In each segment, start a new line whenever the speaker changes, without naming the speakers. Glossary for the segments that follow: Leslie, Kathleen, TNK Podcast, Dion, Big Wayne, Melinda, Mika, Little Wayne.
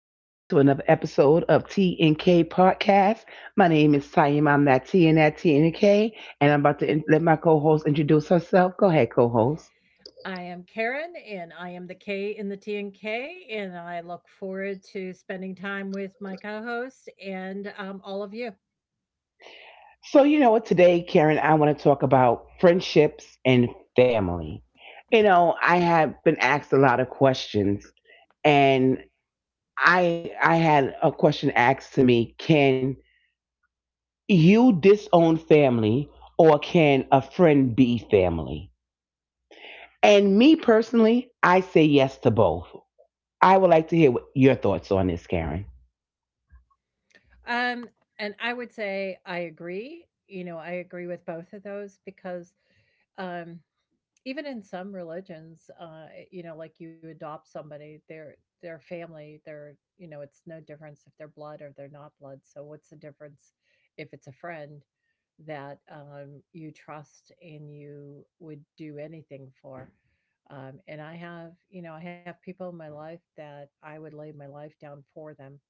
Welcome back to another episode of TNK Podcast. My name is Sayim. I'm that T and that TNK. And I'm about to let my co host introduce herself. Go ahead, co host.
I am Karen, and I am the K in the T and K, and I look forward to spending time with my co host and all of you.
So, you know what? Today, Karen, I want to talk about friendships and family. You know, I have been asked a lot of questions, and I had a question asked to me. Can you disown family, or can a friend be family? And me personally, I say yes to both. I would like to hear what your thoughts on this, Karen.
Um, and I would say I agree. You know, I agree with both of those because um, even in some religions, you know, like you adopt somebody, their family, their you know, it's no difference if they're blood or they're not blood. So what's the difference if it's a friend that you trust and you would do anything for? And I have, you know, I have people in my life that I would lay my life down for them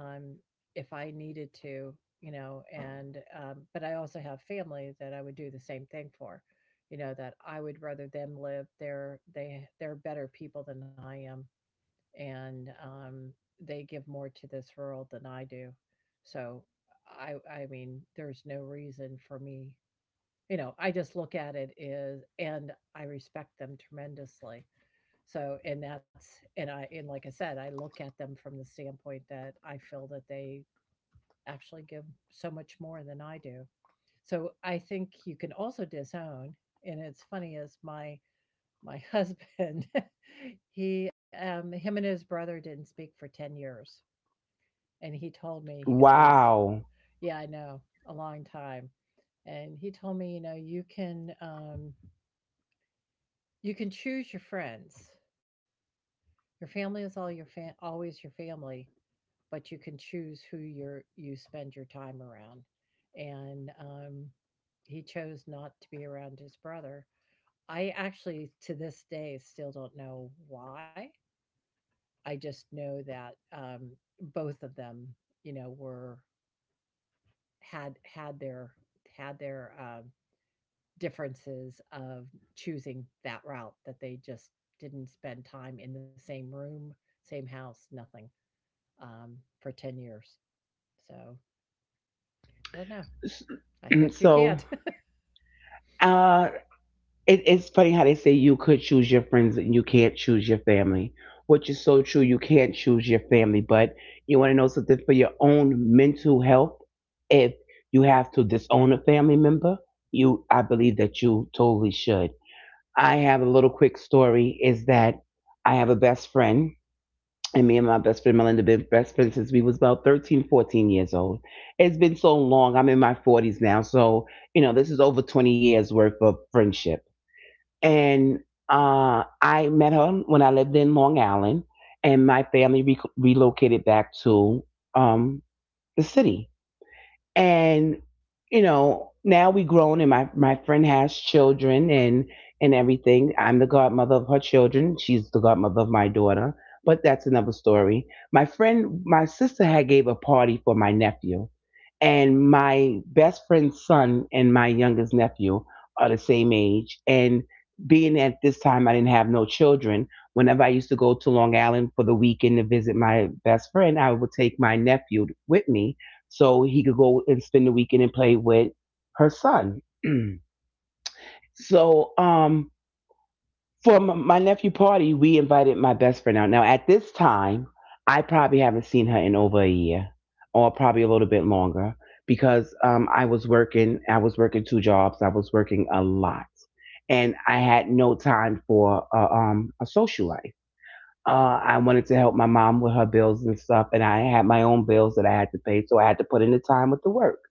um, if I needed to, you know, and but I also have family that I would do the same thing for, you know, that I would rather them live there. They're better people than I am. And, um, they give more to this world than I do. So I mean, there's no reason for me, you know, I just look at it is, and I respect them tremendously. So, and that's, and like I said, I look at them from the standpoint that I feel that they actually give so much more than I do. So I think you can also disown. And it's funny is my husband, he him and his brother didn't speak for 10 years. And he told me, he goes,
Wow.
yeah, I know, a long time. And he told me, you know, you can choose your friends. Your family is all your fa- always your family, but you can choose who you spend your time around and he chose not to be around his brother. I actually to this day still don't know why. I just know that both of them, you know, were had had their had their differences of choosing that route, that they just didn't spend time in the same room, same house, nothing, for 10 years. So I don't know. I guess you
So
can't.
uh it's funny how they say you could choose your friends and you can't choose your family, which is so true. You can't choose your family, but you want to know something? For your own mental health, if you have to disown a family member, you, I believe that you totally should. I have a little quick story, is that I have a best friend, and me and my best friend Melinda been best friends since we was about 13, 14 years old. It's been so long. I'm in my 40s now. So, you know, this is over 20 years worth of friendship. And I met her when I lived in Long Island and my family relocated back to um, the city. And you know, now we grown, and my friend has children and everything. I'm the godmother of her children, she's the godmother of my daughter, but that's another story. My friend, my sister had gave a party for my nephew, and my best friend's son and my youngest nephew are the same age. And being at this time I didn't have no children, whenever I used to go to Long Island for the weekend to visit my best friend, I would take my nephew with me, so he could go and spend the weekend and play with her son. So for my nephew party, we invited my best friend out. Now at this time, I probably haven't seen her in over a year, or probably a little bit longer, because I was working. I was working two jobs. I was working a lot, and I had no time for a social life. I wanted to help my mom with her bills and stuff, and I had my own bills that I had to pay, so I had to put in the time with the work.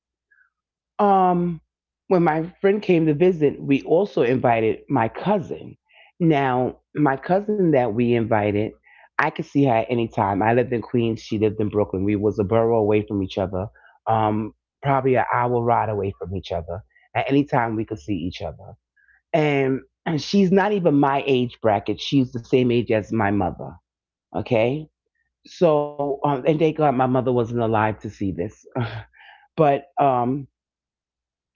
Um, when my friend came to visit, we also invited my cousin. Now, my cousin that we invited, I could see her at any time. I lived in Queens, she lived in Brooklyn. We was a borough away from each other, um, probably an hour ride away from each other. At any time, we could see each other. And she's not even my age bracket. She's the same age as my mother. Okay, so and thank God my mother wasn't alive to see this, but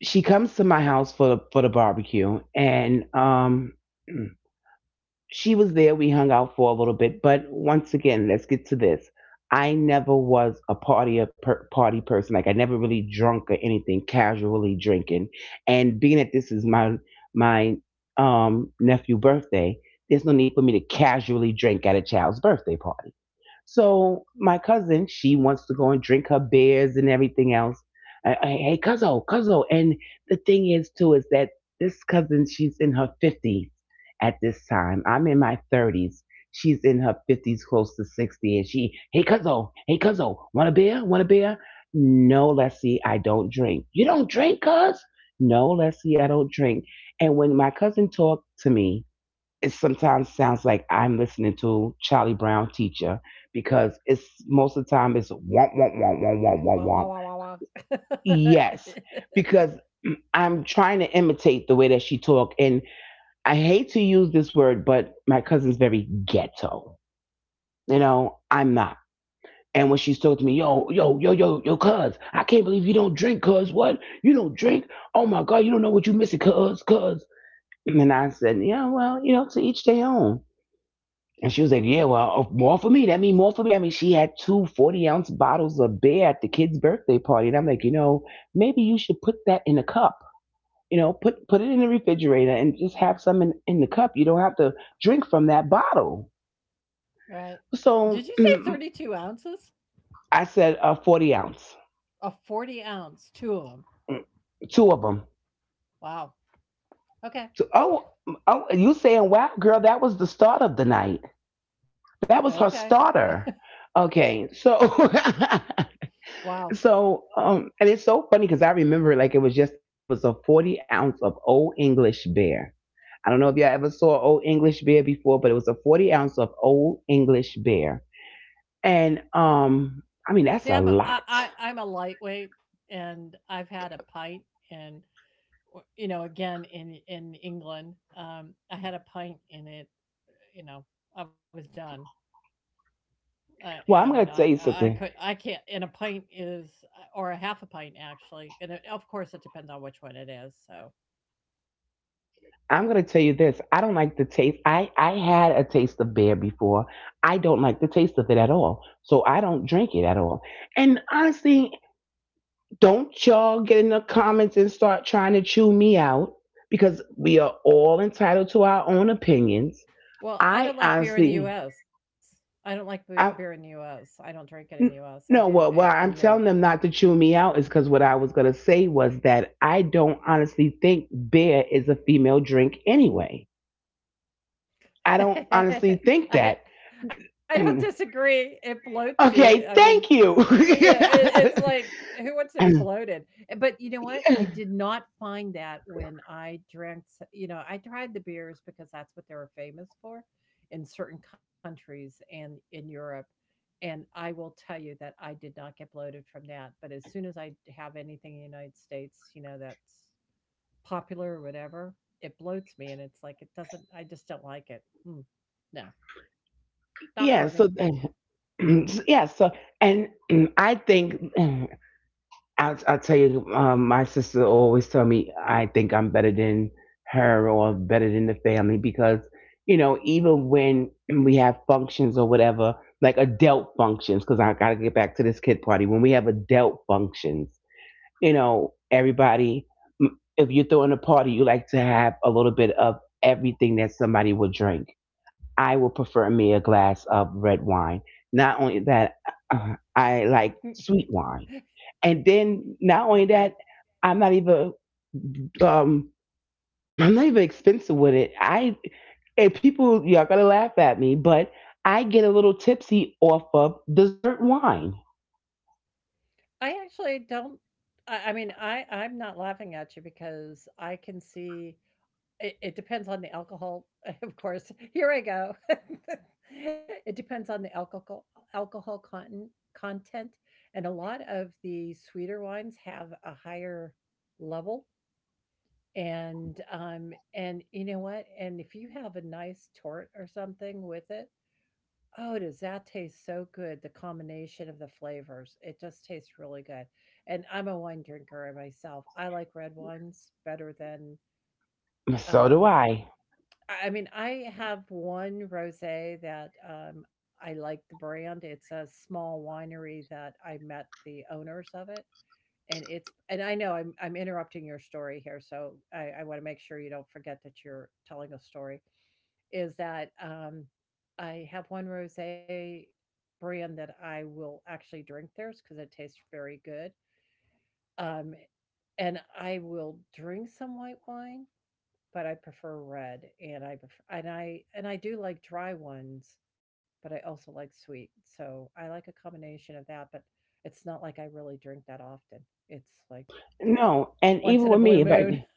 she comes to my house for the barbecue. And um, she was there, we hung out for a little bit, but once again, let's get to this. I never was a party a party person, like I never really drunk or anything, casually drinking. And being that this is my nephew birthday, there's no need for me to casually drink at a child's birthday party. So my cousin, she wants to go and drink her beers and everything else. Hey, cuzzo, cuzzo. And the thing is, too, is that this cousin, she's in her 50s at this time. I'm in my 30s. She's in her 50s, close to 60. And she, hey, cuzzo, want a beer? Want a beer? No, Leslie, I don't drink. You don't drink, cuz? No, Leslie, I don't drink. And when my cousin talked to me, it sometimes sounds like I'm listening to Charlie Brown teacher, because it's most of the time it's womp womp womp womp womp womp
Wah,
womp.
wah, wah, wah, wah.
Yes, because I'm trying to imitate the way that she talk, and I hate to use this word, but my cousin's very ghetto. You know, I'm not. And when she's talking to me, yo, yo, yo, yo, yo, cuz, I can't believe you don't drink, cuz, what? You don't drink? Oh my God, you don't know what you missing, cuz, cuz. And then I said, yeah, well, you know, to each their own. And she was like, yeah, well, more for me. That means more for me. I mean, she had 2 ounce bottles of beer at the kid's birthday party. And I'm like, you know, maybe you should put that in a cup. You know, put it in the refrigerator and just have some in the cup. You don't have to drink from that bottle.
Right. Did
So
you say 32 ounces?
I said, 40 ounce.
A 40 ounce, two of them.
Mm, two of them.
Wow.
So,
Okay.
oh, you saying, wow, girl, that was the start of the night. That was her
Okay.
starter. Okay, so
Wow.
so, and it's so funny because I remember, like, it was just a it was a 40 ounce of Old English beer. I don't know if y'all ever saw Old English beer before, but it was a 40 ounce of Old English beer. And, I mean, that's
See,
a lot.
I'm a lightweight, and I've had a pint and, you know, again, in England, I had a pint in it, you know, I was done. You
Well,
know,
I'm
and
going to
I
tell you
I
something.
could I can't. And a pint is or a half a pint actually, and it, of course it depends on which one it is. So,
I'm going to tell you this. I don't like the taste. I had a taste of beer before. I don't like the taste of it at all. So I don't drink it at all. And honestly, don't y'all get in the comments and start trying to chew me out, because we are all entitled to our own opinions.
well,
I
I don't like beer in the
honestly,
U.S. I don't like beer
I
in the U.S. I don't drink it in the
n-
U.S. I
no.
did
Well, why
in
I'm
Europe.
telling them not to chew me out is because what I was gonna say was that I don't honestly think beer is a female drink anyway. I don't honestly think that.
I I don't disagree. It bloats you. I
Okay,
mean,
thank you.
yeah, it, it's like who wants to be bloated? Eh, but you know what? I did not find that when I drank. You know, I tried the beers because that's what they were famous for in certain countries and in Europe. And I will tell you that I did not get bloated from that. But as soon as I have anything in the United States, you know, that's popular or whatever, it bloats me and it's like it doesn't, I just don't like it. No, not for me.
Yeah. So yeah. So and I think. I tell you, my sister always tell me I think I'm better than her or better than the family, because you know, even when we have functions or whatever, like adult functions, because I gotta get back to this kid party. When we have adult functions, you know everybody. If you're throwing a party, you like to have a little bit of everything that somebody will drink. I would prefer me a glass of red wine. Not only that, I like sweet wine, and then not only
Okay.
that, I'm not even um I'm not even expensive with it. I, and people, y'all gonna laugh at me, but I get a little tipsy off of dessert wine.
I actually don't, I'm not laughing at you because I can see it, it depends on the alcohol. Of course. Here I go. It depends on the alcohol content, and a lot of the sweeter wines have a higher level. And you know what? And if you have a nice tort or something with it, oh, does that taste so good? The combination of the flavors, it just tastes really good. And I'm a wine drinker myself. I like red wines better than,
So do
um,
I.
I mean, I have one rosé that I like the brand. It's a small winery that I met the owners of, it and it's, and I know I'm interrupting your story here, so I want to make sure you don't forget that you're telling a story. Is that I have one rosé brand that I will actually drink theirs because it tastes very good, um, and I will drink some white wine, but I prefer red, and I prefer, and I do like dry ones, but I also like sweet, so I like a combination of that, but. It's not like I really drink that often. It's like
No, and even
once
with
in a
me,
blue moon.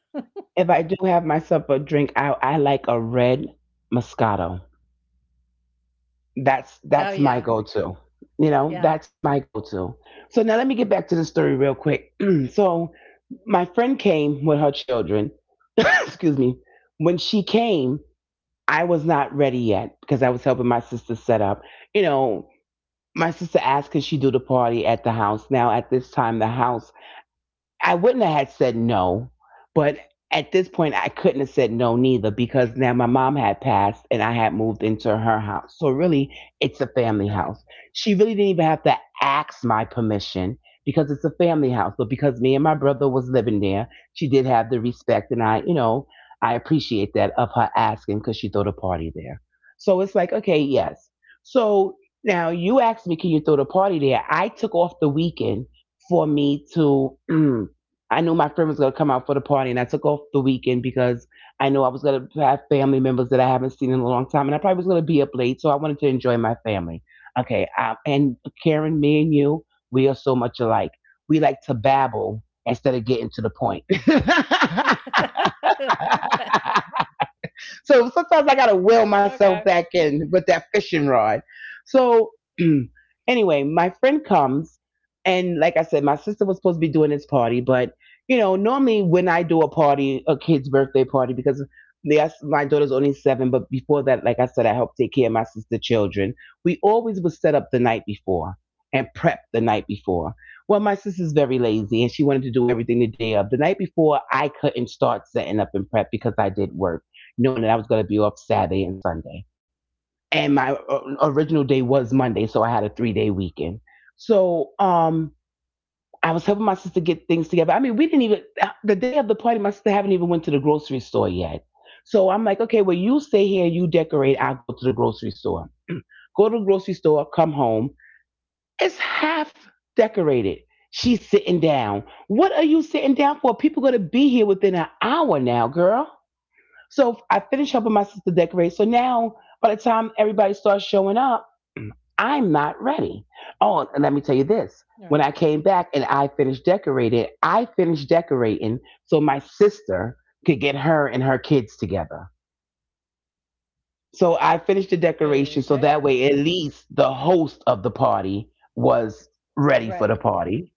if I do have myself a drink, I like a red Moscato. that's
Oh
that's
yeah.
my go-to. You know,
Yeah.
that's my go-to. So now let me get back to the story real quick. So my friend came with her children. Excuse me. When she came, I was not ready yet, because I was helping my sister set up. You know, my sister asked could she do the party at the house. Now at this time, the house, I wouldn't have had said no, but at this point I couldn't have said no neither, because now my mom had passed and I had moved into her house. So really, it's a family
Right.
house. She really didn't even have to ask my permission, because it's a family house. But because me and my brother was living there, she did have the respect, and I, you know, I appreciate that of her asking because she threw the party there. So it's like, okay, yes. So now you asked me, can you throw the party there? I took off the weekend for me to I knew my friend was going to come out for the party, and I took off the weekend because I knew I was going to have family members that I haven't seen in a long time, and I probably was going to be up late, so I wanted to enjoy my family. Okay, I, and Karen, me and you, we are so much alike. We like to babble instead of getting to the point.
Okay.
So sometimes I gotta will
All
myself back in with that fishing rod. So anyway, my friend comes, and like I said, my sister was supposed to be doing this party, but you know, normally when I do a party, a kid's birthday party, because yes, my daughter's only seven, but before that, like I said, I helped take care of my sister's children. We always would set up the night before and prep the night before. Well, my sister's very lazy and she wanted to do everything the day of. The night before, I couldn't start setting up and prep because I did work knowing that I was going to be off Saturday and Sunday. And my original day was Monday, so I had a 3 day weekend. So um, I was helping my sister get things together. I mean, we didn't even the day of the party, my sister haven't even went to the grocery store yet. So I'm like, okay, well, you stay here, you decorate. I'll go to the grocery store. Go to the grocery store, come home. It's half decorated. She's sitting down. What are you sitting down for? People gonna be here within an hour now, girl. So I finished helping my sister decorate. So now, by the time everybody starts showing up, I'm not ready. Oh, and let me tell you this. When I
right.
came back and I finished decorating so my sister could get her and her kids together. So I finished the decoration so that
Okay.
way at least the host of the party was
Was
ready
ready.
for the party.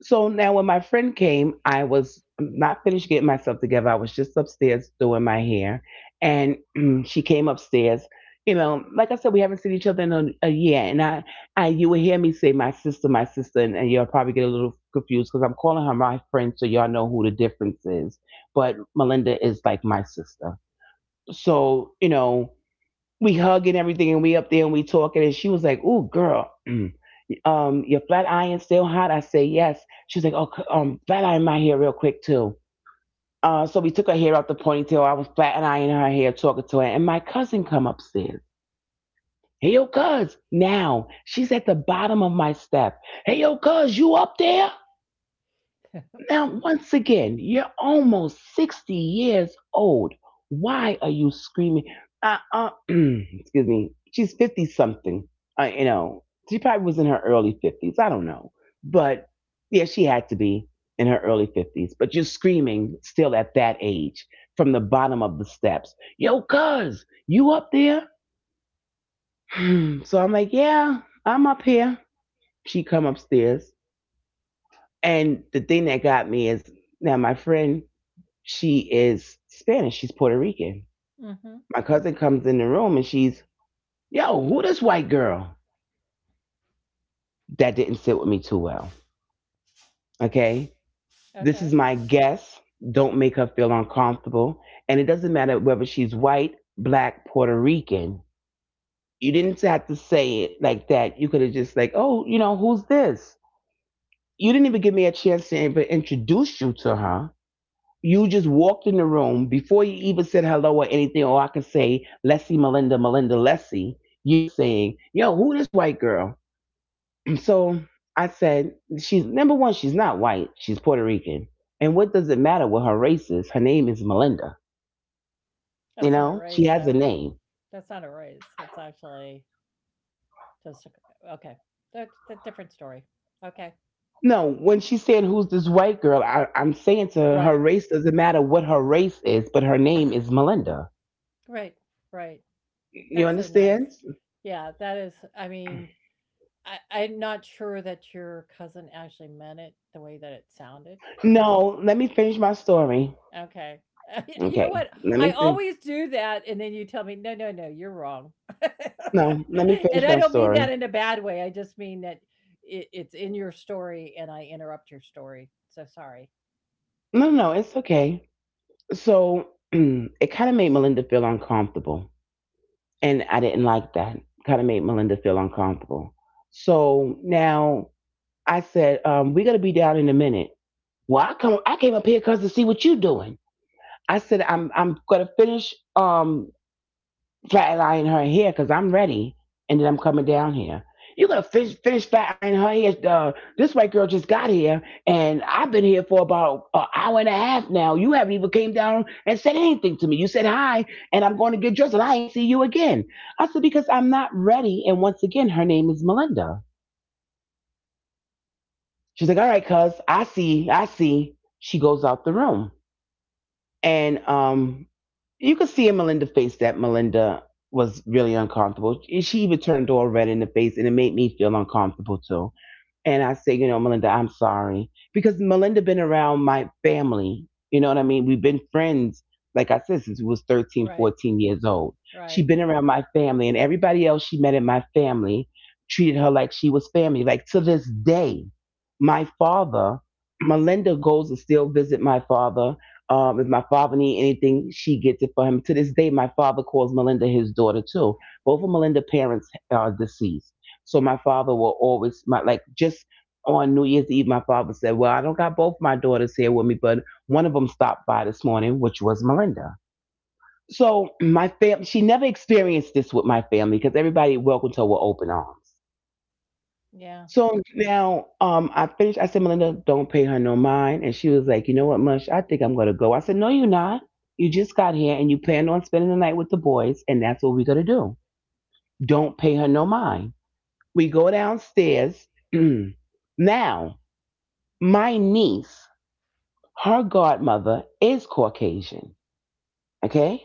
So now when my friend came, I was not finished getting myself together. I was just upstairs doing my hair. And she came upstairs. You know, like I said, we haven't seen each other in a year. And you will hear me say, my sister, my sister. And you'll probably get a little confused because I'm calling her my friend. So y'all know who the difference is. But Melinda is like my sister. So, you know, we hug and everything and we up there and we talking. And she was like, ooh, girl. Your flat iron still hot? I say yes. She's like, oh, flat iron my hair real quick too. So we took her hair out the ponytail. I was flat ironing her hair, talking to her, and my cousin come upstairs. Hey, yo, cuz, now she's at the bottom of my step. Hey, yo, cuz, you up there? Now, once again, you're almost 60 years old. Why are you screaming? Excuse me. She's 50 something. You know, she probably was in her early 50s. I don't know. But yeah, she had to be in her early 50s. But you're screaming still at that age from the bottom of the steps. Yo, cuz, you up there? So I'm like, yeah, I'm up here. She come upstairs. And the thing that got me is now my friend, she is Spanish. She's Puerto Rican.
Mm-hmm.
My cousin comes in the room and she's, yo, who this white girl? That didn't sit with me too well. Okay. This is
Okay.
my guess. Don't make her feel uncomfortable. And it doesn't matter whether she's white, black, Puerto Rican. You didn't have to say it like that. You could have just like, oh, you know, who's this? You didn't even give me a chance to even introduce you to her. You just walked in the room before you even said hello or anything, or I could say, let's see Melinda, Melinda, let's see. You're saying, yo, who this white girl? So I said, she's number one, she's not white, she's Puerto Rican. And what does it matter what her race is? Her name is Melinda. You
That's not a
know, she
race
has a
though.
name.
That's not a race. That's actually just a, okay. That's a different story. Okay.
No, when she said, who's this white girl, I'm saying to her, her
Right.
race doesn't matter what her race is, but her name is Melinda.
Right. Right.
You
That's so
understand?
nice. Yeah, that is, I mean, I, I'm not sure that your cousin actually meant it the way that it sounded.
No, let me finish my story.
Okay. You know
Okay,
what?
let me
I
finish.
always do that, and then you tell me, "No, no, no, you're wrong."
No, let me
And
finish
I
my
don't mean that
story.
in a bad way. I just mean that it, it's in your story, and I interrupt your story. So sorry.
No, no, no, it's okay. So it kind of made Melinda feel uncomfortable, and I didn't like that. Kind of made Melinda feel uncomfortable. So now I said, "We're gonna be down in a minute. Well, I came up here because to see what you're doing." I said, I'm gonna finish. Flat iron her hair because I'm ready, and then I'm coming down here." You gonna finish flat iron her hair? This white girl just got here, and I've been here for about an hour and a half now. You haven't even came down and said anything to me. You said hi, and I'm going to get dressed, and I ain't see you again. I said because I'm not ready. And once again, her name is Melinda. She's like, all right, cuz, I see, I see. She goes out the room. And you could see in Melinda's face that Melinda was really uncomfortable. She even turned all red in the face, and it made me feel uncomfortable too. And I say, you know, Melinda, I'm sorry because Melinda been around my family. You know what I mean? We've been friends, like I said, since we was 13,
Right,
14 years old. She
right.
been around my family, and everybody else she met in my family treated her like she was family. Like to this day, my father, Melinda goes and still visit my father. If my father needs anything, she gets it for him. To this day, my father calls Melinda his daughter too. Both of Melinda's parents are deceased, so my father will always my like just on New Year's Eve. My father said, "Well, I don't got both my daughters here with me, but one of them stopped by this morning, which was Melinda." So my fam, she never experienced this with my family because everybody welcomed her with open arms.
Yeah.
So now I finished. I said, Melinda, don't pay her no mind. And she was like, you know what, Mush, I think I'm going to go. I said, no, you're not. You just got here and you planned on spending the night with the boys, and that's what we're going to do. Don't pay her no mind. We go downstairs. Now, my niece, her godmother is Caucasian, okay?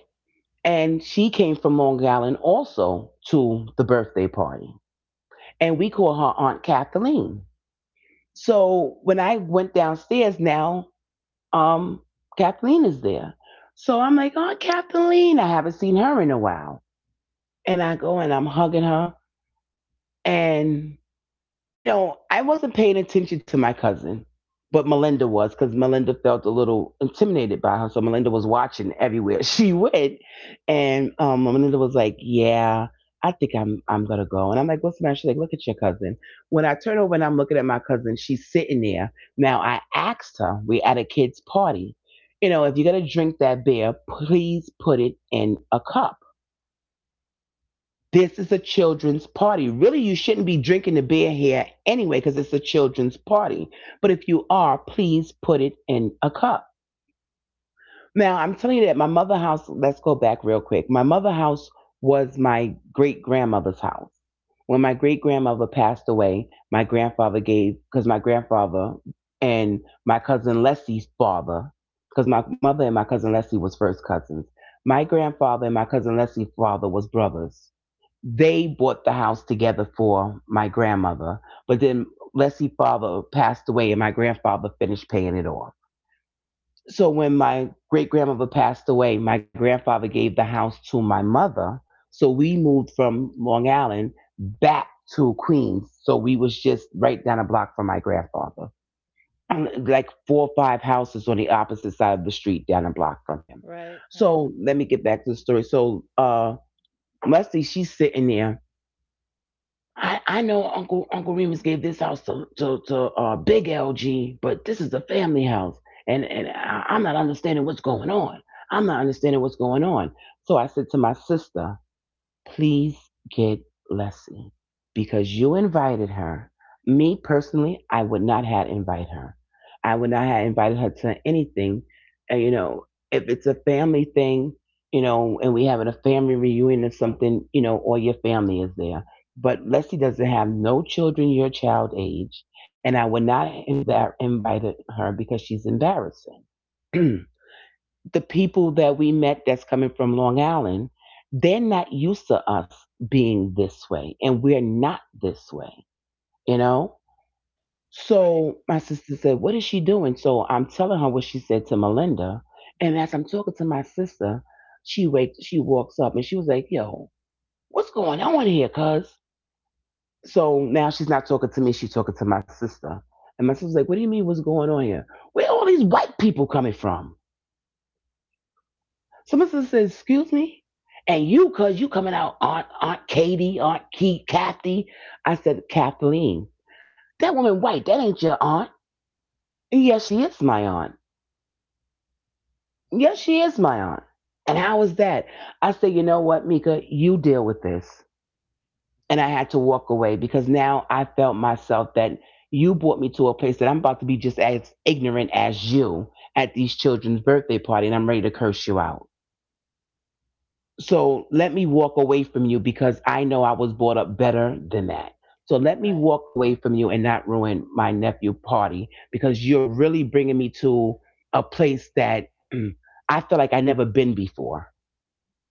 And she came from Long Island also to the birthday party. And we call her Aunt Kathleen. So when I went downstairs now, um, Kathleen is there. So I'm like, oh, Kathleen, I haven't seen her in a while. And I go and I'm hugging her. And you know, I wasn't paying attention to my cousin, but Melinda was because Melinda felt a little intimidated by her. So Melinda was watching everywhere she went, and Melinda was like, "Yeah, I think I'm gonna go." And I'm like, "What's the matter?" She's like, "Look at your cousin." When I turn over and I'm looking at my cousin, she's sitting there. Now I asked her, we at a kid's party. You know, if you're gonna drink that beer, please put it in a cup. This is a children's party. Really, you shouldn't be drinking the beer here anyway because it's a children's party. But if you are, please put it in a cup. Now, I'm telling you that my mother house, let's go back real quick. My mother house was my great grandmother's house. When my great grandmother passed away, my grandfather gave, because my grandfather and my cousin Leslie's father, because my mother and my cousin Leslie was first cousins. My grandfather and my cousin Leslie's father was brothers. They bought the house together for my grandmother, but then Leslie's father passed away and my grandfather finished paying it off. So when my great grandmother passed away, my grandfather gave the house to my mother. So we moved from Long Island back to Queens. So we was just right down a block from my grandfather. And like four or five houses on the opposite side of the street down a block from him.
Right, right,
So let me get back to the story. So Leslie, she's sitting there. I know Uncle Remus gave this house to Big LG, but this is a family house, and I'm not understanding what's going on. I'm not understanding what's going on. So I said to my sister, please get Leslie because you invited her. Me personally, I would not have invited her. I would not have invited her to anything. And, you know, if it's a family thing, you know, and we having a family reunion or something, you know, all your family is there. But Leslie doesn't have no children your child age, and I would not have invited her because she's embarrassing. The people that we met that's coming from Long Island, they're not used to us being this way, and we're not this way, you know?
right,
So my sister said, what is she doing? So I'm telling her what she said to Melinda. And as I'm talking to my sister, she walks up and she was like, "Yo, what's going on here, cuz?" So now she's not talking to me, she's talking to my sister. And my sister's like, "What do you mean what's going on here? Where are all these white people coming from?" Someone says, "Excuse me? And you, cause you coming out, Aunt, Aunt Katie, Aunt Keith, Kathy." I said, "Kathleen." "That woman white, that ain't your aunt." "Yes, she is my aunt. Yes, she is my aunt." "And how is that?" I said, "You know what, Mika, you deal with this." And I had to walk away because now I felt myself that you brought me to a place that I'm about to be just as ignorant as you at these children's birthday party, and I'm ready to curse you out. So let me walk away from you because I know I was brought up better than that. So let
right,
me walk away from you and not ruin my nephew party, because you're really bringing me to a place that mm, I feel like I never been before.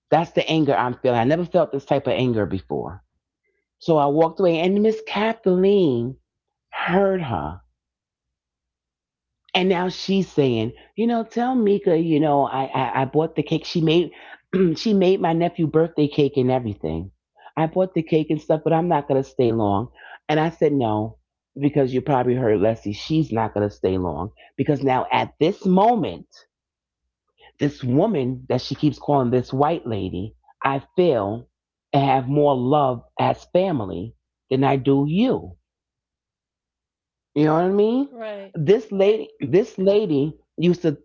That's the anger I'm feeling. I never felt this type of anger before. So I walked away, and Miss Kathleen heard her. And now she's saying, "You know, tell Mika, you know, I bought the cake." She made she made my nephew birthday cake and everything. "I bought the cake and stuff, but I'm not gonna stay long." And I said no, because you probably heard Leslie, she's not gonna stay long. Because now at this moment, this woman that she keeps calling this white lady, I feel and have more love as family than I do you. You know what I mean?
right.
This
It,
lady this lady used to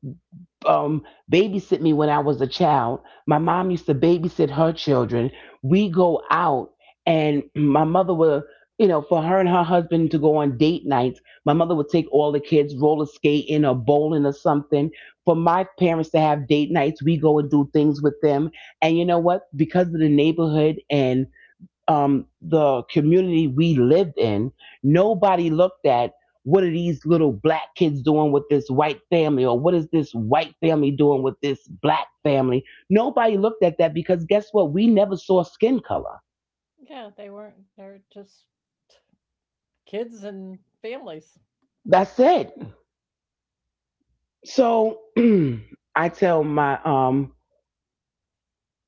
um, babysit me when I was a child. My mom used to babysit her children. We go out, and my mother would, you know, for her and her husband to go on date nights, my mother would take all the kids roller skating or bowling or something. For my parents to have date nights, we go and do things with them. And you know what? Because of the neighborhood and the community we lived in, nobody looked at what are these little black kids doing with this white family, or what is this white family doing with this black family. Nobody looked at that because guess what? We never saw skin color.
yeah, they weren't. They're just kids and families.
That's it. So I tell my,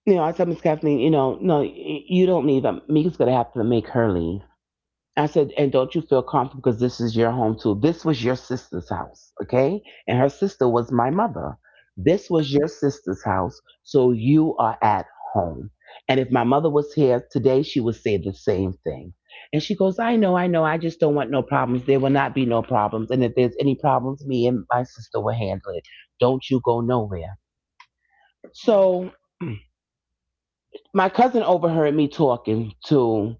you know, I tell Miss Kathleen, you know, no, you don't leave. Mika's going to have to make her leave. I said, and don't you feel comfortable because this is your home too. This was your sister's house, okay? And her sister was my mother. This was your sister's house, so you are at home. And if my mother was here today, she would say the same thing. And she goes, "I know, I know, I just don't want no problems." There will not be no problems. And if there's any problems, me and my sister will handle it. Don't you go nowhere.
Right.
So my cousin overheard me talking to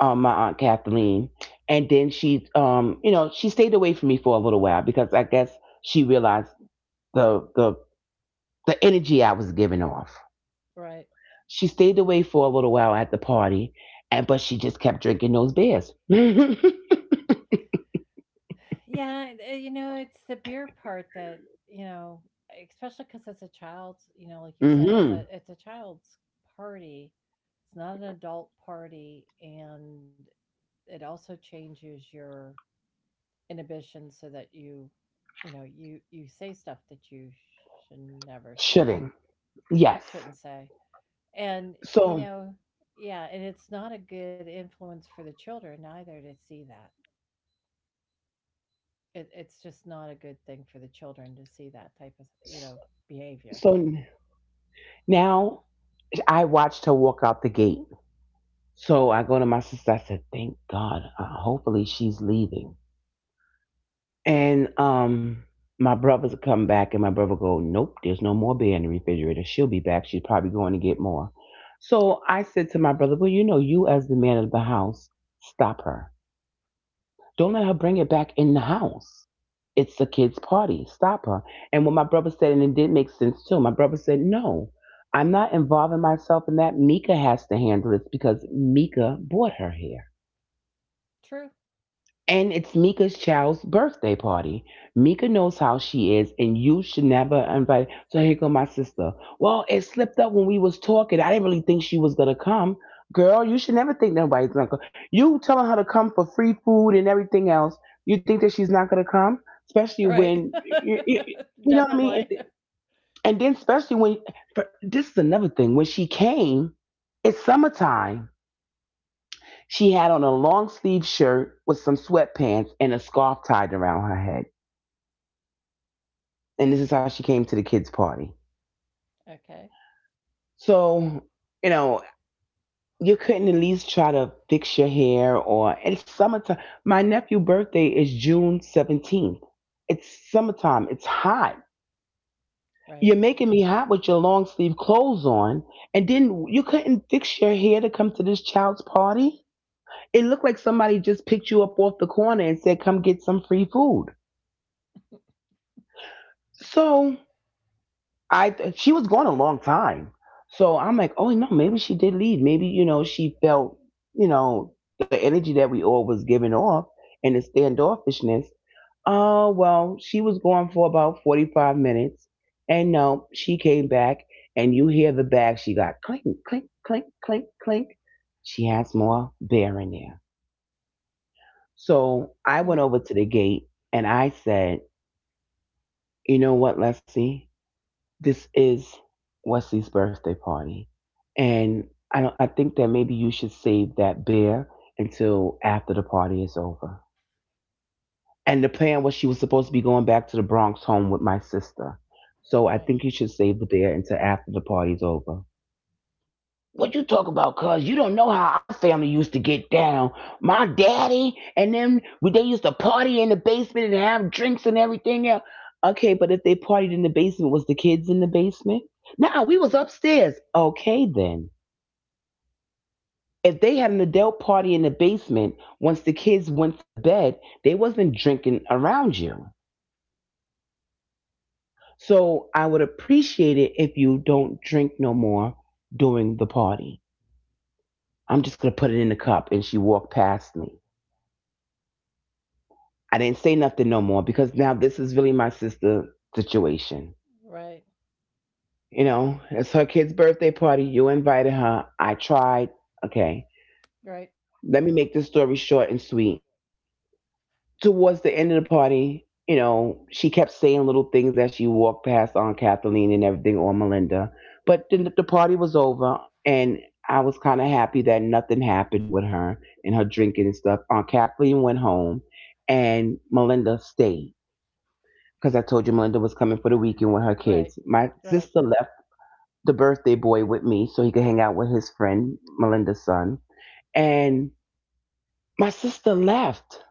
my aunt Kathleen, and then she, you know, she stayed away from me for a little while because I guess she realized the the the energy I was giving off.
Right.
She stayed away for a little while at the party, and but she just kept drinking those beers.
Yeah, you know, it's the beer part that, you know, especially because it's a child's, you know, like you
Mm
said,
hmm.
it's a child's party. It's not an adult party, and it also changes your inhibitions so that you know, you say stuff that you should never say,
Shouldn't. Yes.
shouldn't say. And, you
So
know, yeah, and it's not a good influence for the children either to see that. It, it's just not a good thing for the children to see that type of, you know, behavior.
so now I watched her walk out the gate. So I go to my sister. I said, "Thank God. Hopefully she's leaving." And my brothers would come back, and my brother would go, "Nope, there's no more beer in the refrigerator. She'll be back. She's probably going to get more." So I said to my brother, "Well, you know, you as the man of the house, stop her. Don't let her bring it back in the house. It's the kid's party. Stop her." And what my brother said, and it did make sense too. My brother said, "No. I'm not involving myself in that. Mika has to handle this because Mika brought her here.
True.
And it's Mika's child's birthday party. Mika knows how she is, and you should never invite." So here go my sister. "Well, it slipped up when we was talking. I didn't really think she was gonna come." Girl, you should never think nobody's gonna come. You telling her to come for free food and everything else. You think that she's not gonna come, especially
Right.
when you know what I mean.
Definitely.
And then especially when, but this is another thing. When she came, it's summertime, she had on a long sleeve shirt with some sweatpants and a scarf tied around her head. And this is how she came to the kids' party.
Okay.
So, you know, you couldn't at least try to fix your hair? Or it's summertime. My nephew' birthday is June 17th. It's summertime, it's hot. You're
Right.
making me hot with your long sleeve clothes on, and then you couldn't fix your hair to come to this child's party. It looked like somebody just picked you up off the corner and said, "Come get some free food." So I she was gone a long time, so I'm like, oh no, maybe she did leave. Maybe, you know, she felt, you know, the energy that we all was giving off and the standoffishness. Oh well, she was gone for about 45 minutes, and no, she came back, and you hear the bag she got, clink, clink, clink, clink, clink. She has more beer in there.
Hmm.
So I went over to the gate and I said, "You know what, Leslie? This is Wesley's birthday party, and I don't, I think that maybe you should save that beer until after the party is over." And the plan was she was supposed to be going back to the Bronx home with my sister, so I
Right.
think you should save the beer until after the party's over. "What you talk about, cuz? You don't know how our family used to get down. My daddy and them, they used to party in the basement and have drinks and everything else." Okay, but if they partied in the basement, was the kids in the basement? "Nah, we was upstairs." Okay, then. If they had an adult party in the basement, once the kids went to bed, they wasn't drinking around you. So I would appreciate it if you don't drink no more during the party. "I'm just gonna put it in the cup." And she walked past me. I didn't say nothing no more because now this is really my sister situation.
Right.
You know, it's her kid's birthday party. You invited her. I tried. Okay.
Right.
Let me make this story short and sweet. Towards the end of the party, you know, she kept saying little things as she walked past Aunt Kathleen and everything, or Melinda. But then the party was over, and I was kind of happy that nothing happened with her and her drinking and stuff. Aunt Kathleen went home, and Melinda stayed because I told you Melinda was coming for the weekend with her
Right.
kids. My
Right.
sister left the birthday boy with me so he could hang out with his friend, Melinda's son. And my sister left.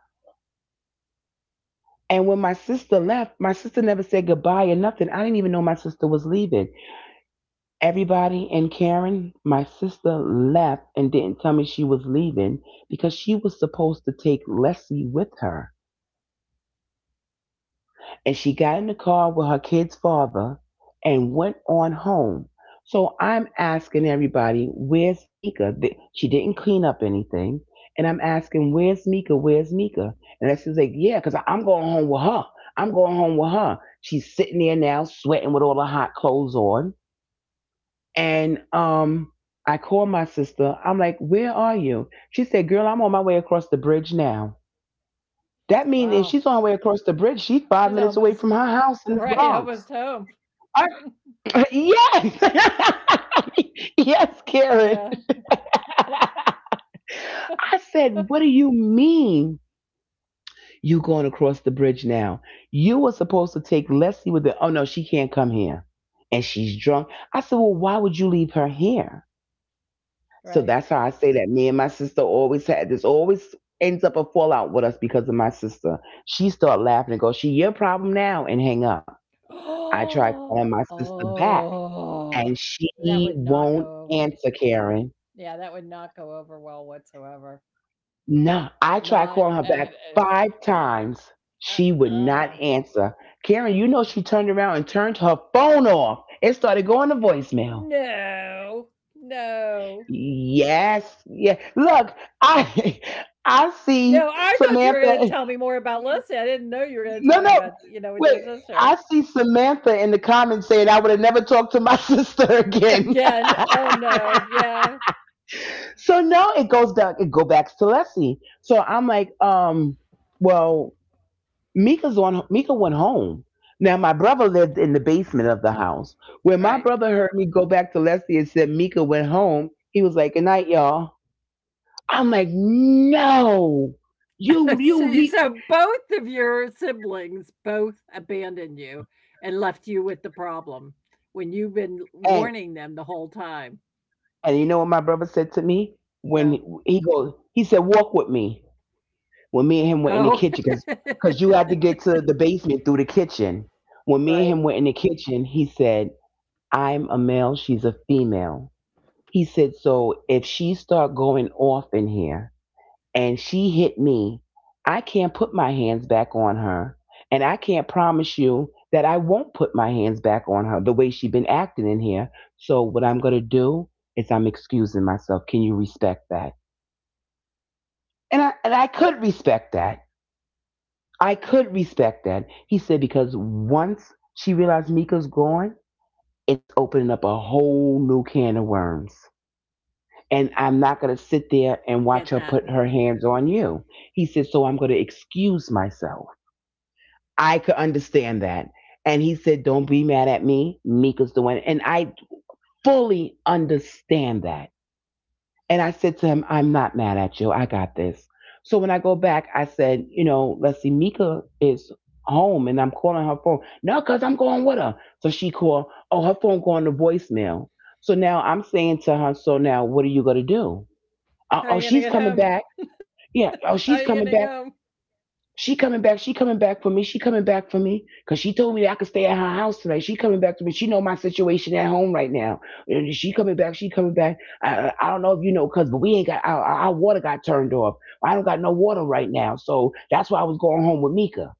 And when my sister left, my sister never said goodbye or nothing. I didn't even know my sister was leaving. Everybody, and Karen, my sister left and didn't tell me she was leaving because she was supposed to take Leslie with her, and she got in the car with her kid's father and went on home. So I'm asking everybody, where's Mika? She didn't clean up anything. And I'm asking, where's Mika? Where's Mika? And that's, she's like, yeah, because I'm going home with her. I'm going home with her. She's sitting there now, sweating with all her hot clothes on. And I call my sister. I'm like, "Where are you?" She said, "Girl, I'm on my way across the bridge now." That means
Wow.
if she's on her way across the bridge, she's five
She's
minutes away
almost
from her house in the
right,
Bronx.
almost home.
Are- yes. Yes, Karen.
Yeah.
I said, "What do you mean you going across the bridge now? You were supposed to take Leslie with the" "Oh no, she can't come here. And she's drunk." I said, "Well, why would you leave her here?" So
Right.
that's how I say that me and my sister always had this, always ends up a fallout with us because of my sister. She start laughing and go, "She your problem now," and hang up. I try calling
Oh.
my sister back,
Oh.
and
That
she
would not
won't
go over.
answer, Karen.
Yeah, that would not go over well whatsoever.
No,
Not
I tried
at,
calling her
at
back
uh,
five
mm,
times. She
Uh,
would
uh,
not answer. Karen, you know she turned around and turned her phone off. It started going to voicemail.
no, no,
Yes, yeah. Look, I I
no. I
see
thought you were going to tell me
Samantha.
more about Lucy. I didn't know you were going to tell me
No,
about,
no,
you know, with your
wait.
sister.
I see Samantha in the comments saying I would have never talked to my sister again.
Again, oh no, yeah,
So now it goes back. It go back to Leslie. So I'm like, well, Mika's on. Mika went home. Now my brother lived in the basement of the house. When my
right.
brother heard me go back to Leslie and said Mika went home, he was like, "Good night, y'all." I'm like, "No, you, you,
So,
you."
so both of your siblings both abandoned you and left you with the problem when you've been
And
warning them the whole time.
and you know what my brother said to me when
No,
he goes? He said, "Walk with me." When me
oh,
and him were in the kitchen, because you had to get to the basement through the kitchen, when me
right.
and him were in the kitchen he said, I'm a male, she's a female. He said, so if she start going off in here and she hit me, I can't put my hands back on her, and I can't promise you that I won't put my hands back on her the way she been acting in here. So what I'm going to do is I'm excusing myself. Can you respect that? And I could respect that. I could respect that. He said, because once she realized Mika's gone, it's opening up a whole new can of worms. And I'm not going to sit there and watch
Get
her
that.
put her hands on you. He said, so I'm going to excuse myself. I could understand that. And he said, don't be mad at me. Mika's the one. And I fully understand that. And I said to him, I'm not mad at you. I got this. So when I go back, I said, you know, let's see, Mika is home and I'm calling her phone. No, because I'm going with her. So she called, oh, her phone going to voicemail. So now I'm saying to her, so now what are you going to do? Uh,
How are
oh,
you gonna
she's
get
coming
home?
back.
How are
Yeah.
you
Oh,
getting
she's
home?
coming back. She coming back. She coming back for me. She coming back for me because she told me that I could stay at her house tonight. She coming back to me. She know my situation at home right now. And she coming back. She coming back. I don't know if you know, cuz, but we ain't got our water got turned off. I don't got no water right now, so that's why I was going home with Mika.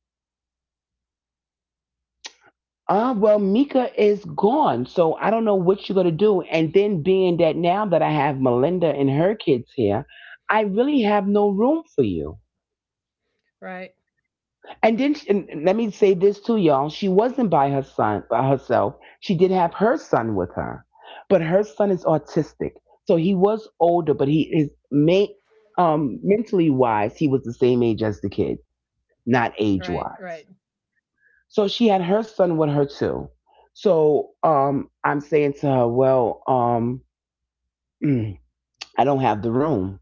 Well, Mika is gone, so I don't know what you're gonna do. And then being that now that I have Melinda and her kids here, I really have no room for you.
Right,
And then, and let me say this too, y'all. She wasn't by her son, by herself. She did have her son with her, but her son is autistic, so he was older, but he is mentally wise. He was the same age as the kid, not
right,
age
right.
wise. So she had her son with her too. So I'm saying to her, I don't have the room.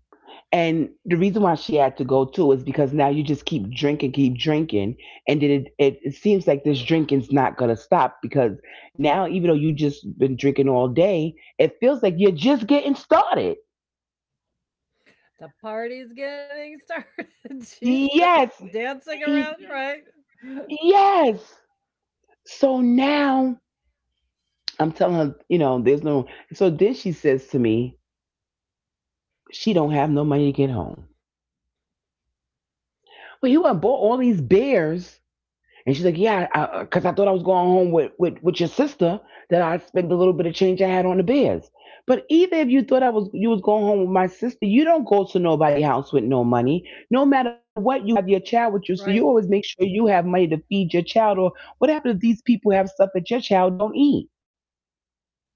And the reason why she had to go too is because now you just keep drinking, and then it seems like this drinking's not gonna stop because now even though you just been drinking all day, it feels like you're just getting started.
The party's getting started. Jesus,
Yes,
dancing around, right?
y- yes. So now I'm telling her, you know, there's no. So then she says to me, she don't have no money to get home. Well, you have bought all these beers. And she's like, yeah, because I thought I was going home with your sister, that I spent the little bit of change I had on the bears. But either if you thought I was you was going home with my sister, you don't go to nobody's house with no money. No matter what, you have your child
Right,
with you, so you always make sure you have money to feed your child. Or what happens if these people have stuff that your child don't eat?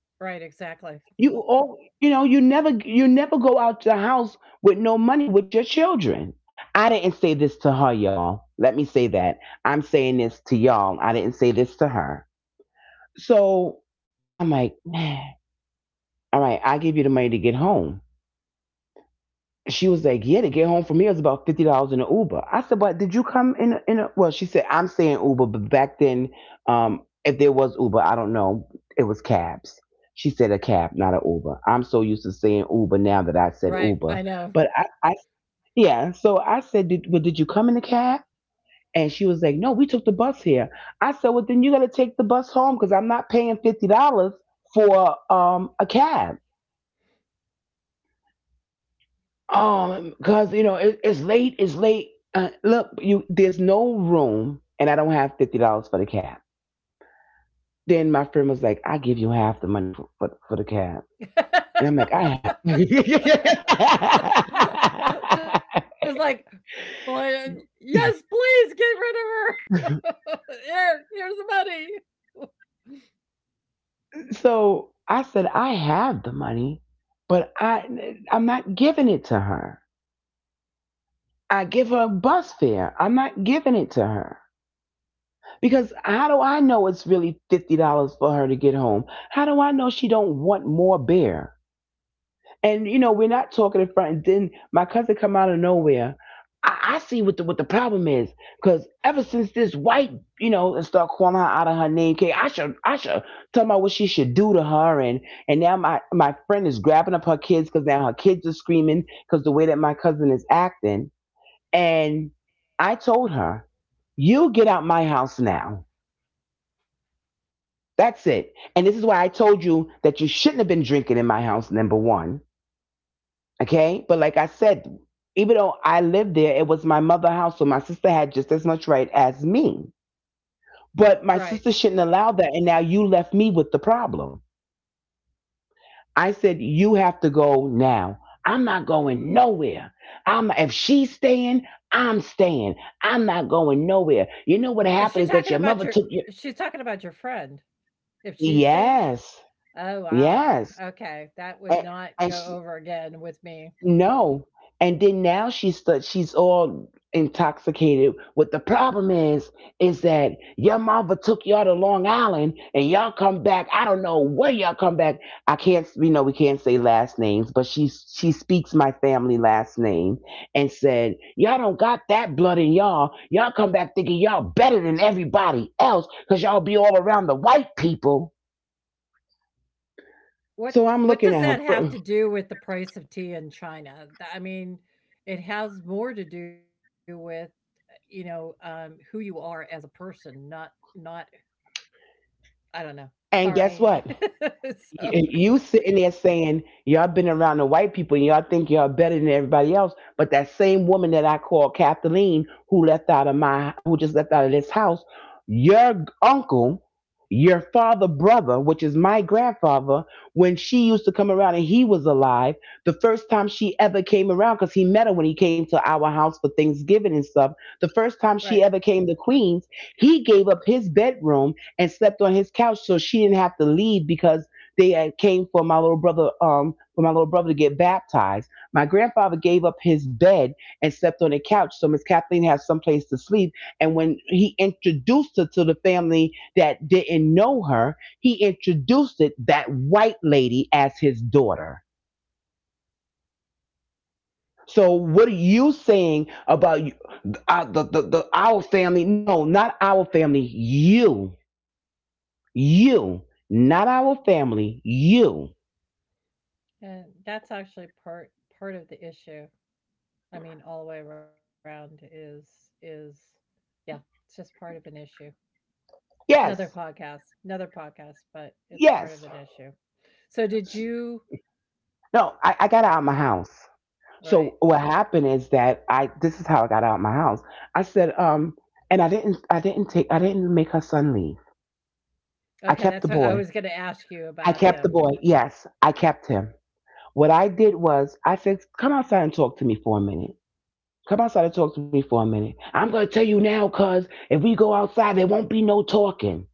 right, exactly.
You all you know you never go out to the house with no money with your children. I didn't say this to her, y'all. Let me say that. I'm saying this to y'all. I didn't say this to her. So I'm like, man, all right, I'll give you the money to get home. She was like, yeah, to get home from here is about $50 in an Uber. I said, but did you come in a? Well, she said, I'm saying Uber, but back then, if there was Uber, I don't know, it was cabs. She said a cab, not an Uber. I'm so used to saying Uber now that I said
Right, I
Uber,
know.
but I. So I said, well, did you come in a cab? And she was like, no, we took the bus here. I said, well, then you got to take the bus home because I'm not paying $50 for a cab. Because, you know, it's late, it's late. Look, you there's no room, and I don't have $50 for the cab. Then my friend was like, I give you half the money for the cab. And I'm like, I
She was like, "Well, yes,
have.
please get rid of her. Here, here's the money."
So I said, I have the money, but I'm not giving it to her. I give her a bus fare. I'm not giving it to her. Because how do I know it's really $50 for her to get home? How do I know she don't want more beer? And you know, we're not talking in front and then my cousin come out of nowhere. I see what the problem is. Cause ever since this white, you know, and start calling her out of her name, K, I should tell about what she should do to her and now my friend is grabbing up her kids because now her kids are screaming because the way that my cousin is acting, and I told her, you get out my house now. That's it. And this is why I told you that you shouldn't have been drinking in my house, number one. Okay. But like I said, even though I lived there, it was my mother's house. So my sister had just as much right as me. But my
Right.
sister shouldn't allow that. And now you left me with the problem. I said, you have to go now. I'm not going nowhere. I'm if she's staying. I'm not going nowhere. You know what
Is she
happened is that
talking
your
about
mother
your?
took.
She's talking about your friend. If she's staying.
Yes,
Oh, wow.
yes,
Okay, that
and,
would not
and
go
she,
over again with me.
no, and then now she's all intoxicated. What the problem is that your mama took y'all to Long Island, and y'all come back. I don't know where y'all come back. I can't. We know we can't say last names, but she speaks my family last name and said y'all don't got that blood in y'all. Y'all come back thinking y'all better than everybody else because y'all be all around the white people. So I'm
What
looking
does that
at
have
her.
to do with the price of tea in China? I mean, it has more to do with, you know, who you are as a person, not, not, I don't know.
And guess
Sorry.
what?
So
You sitting there saying y'all been around the white people and y'all think y'all better than everybody else, but that same woman that I call Kathleen, who left out of my, who just left out of this house, your uncle, your father brother, which is my grandfather, when she used to come around and he was alive, the first time she ever came around, because he met her when he came to our house for Thanksgiving and stuff, the first
right,
time she ever came to Queens, he gave up his bedroom and slept on his couch so she didn't have to leave because they had came for my little brother, for my little brother to get baptized. My grandfather gave up his bed and slept on the couch, so Miss Kathleen had someplace to sleep. And when he introduced her to the family that didn't know her, he introduced it that white lady as his daughter. So what are you saying about you, the our family? No, not our family. You, not our family. You.
and that's actually part, part of the issue. I mean, all the way around is yeah, it's just part of an issue.
Yes,
Another podcast, but it's part of
yes.
an issue. So did you
No, I got out of my house.
right.
So what happened is that I this is how I got out of my house. I said, and I didn't make her son leave. I
Okay,
kept
that's
the
what I
boy.
was gonna ask you
I
about
kept the
him.
boy. Yes, I kept him. What I did was I said, come outside and talk to me for a minute. Come outside and talk to me for a minute. I'm gonna tell you now, cuz if we go outside, there won't be no talking.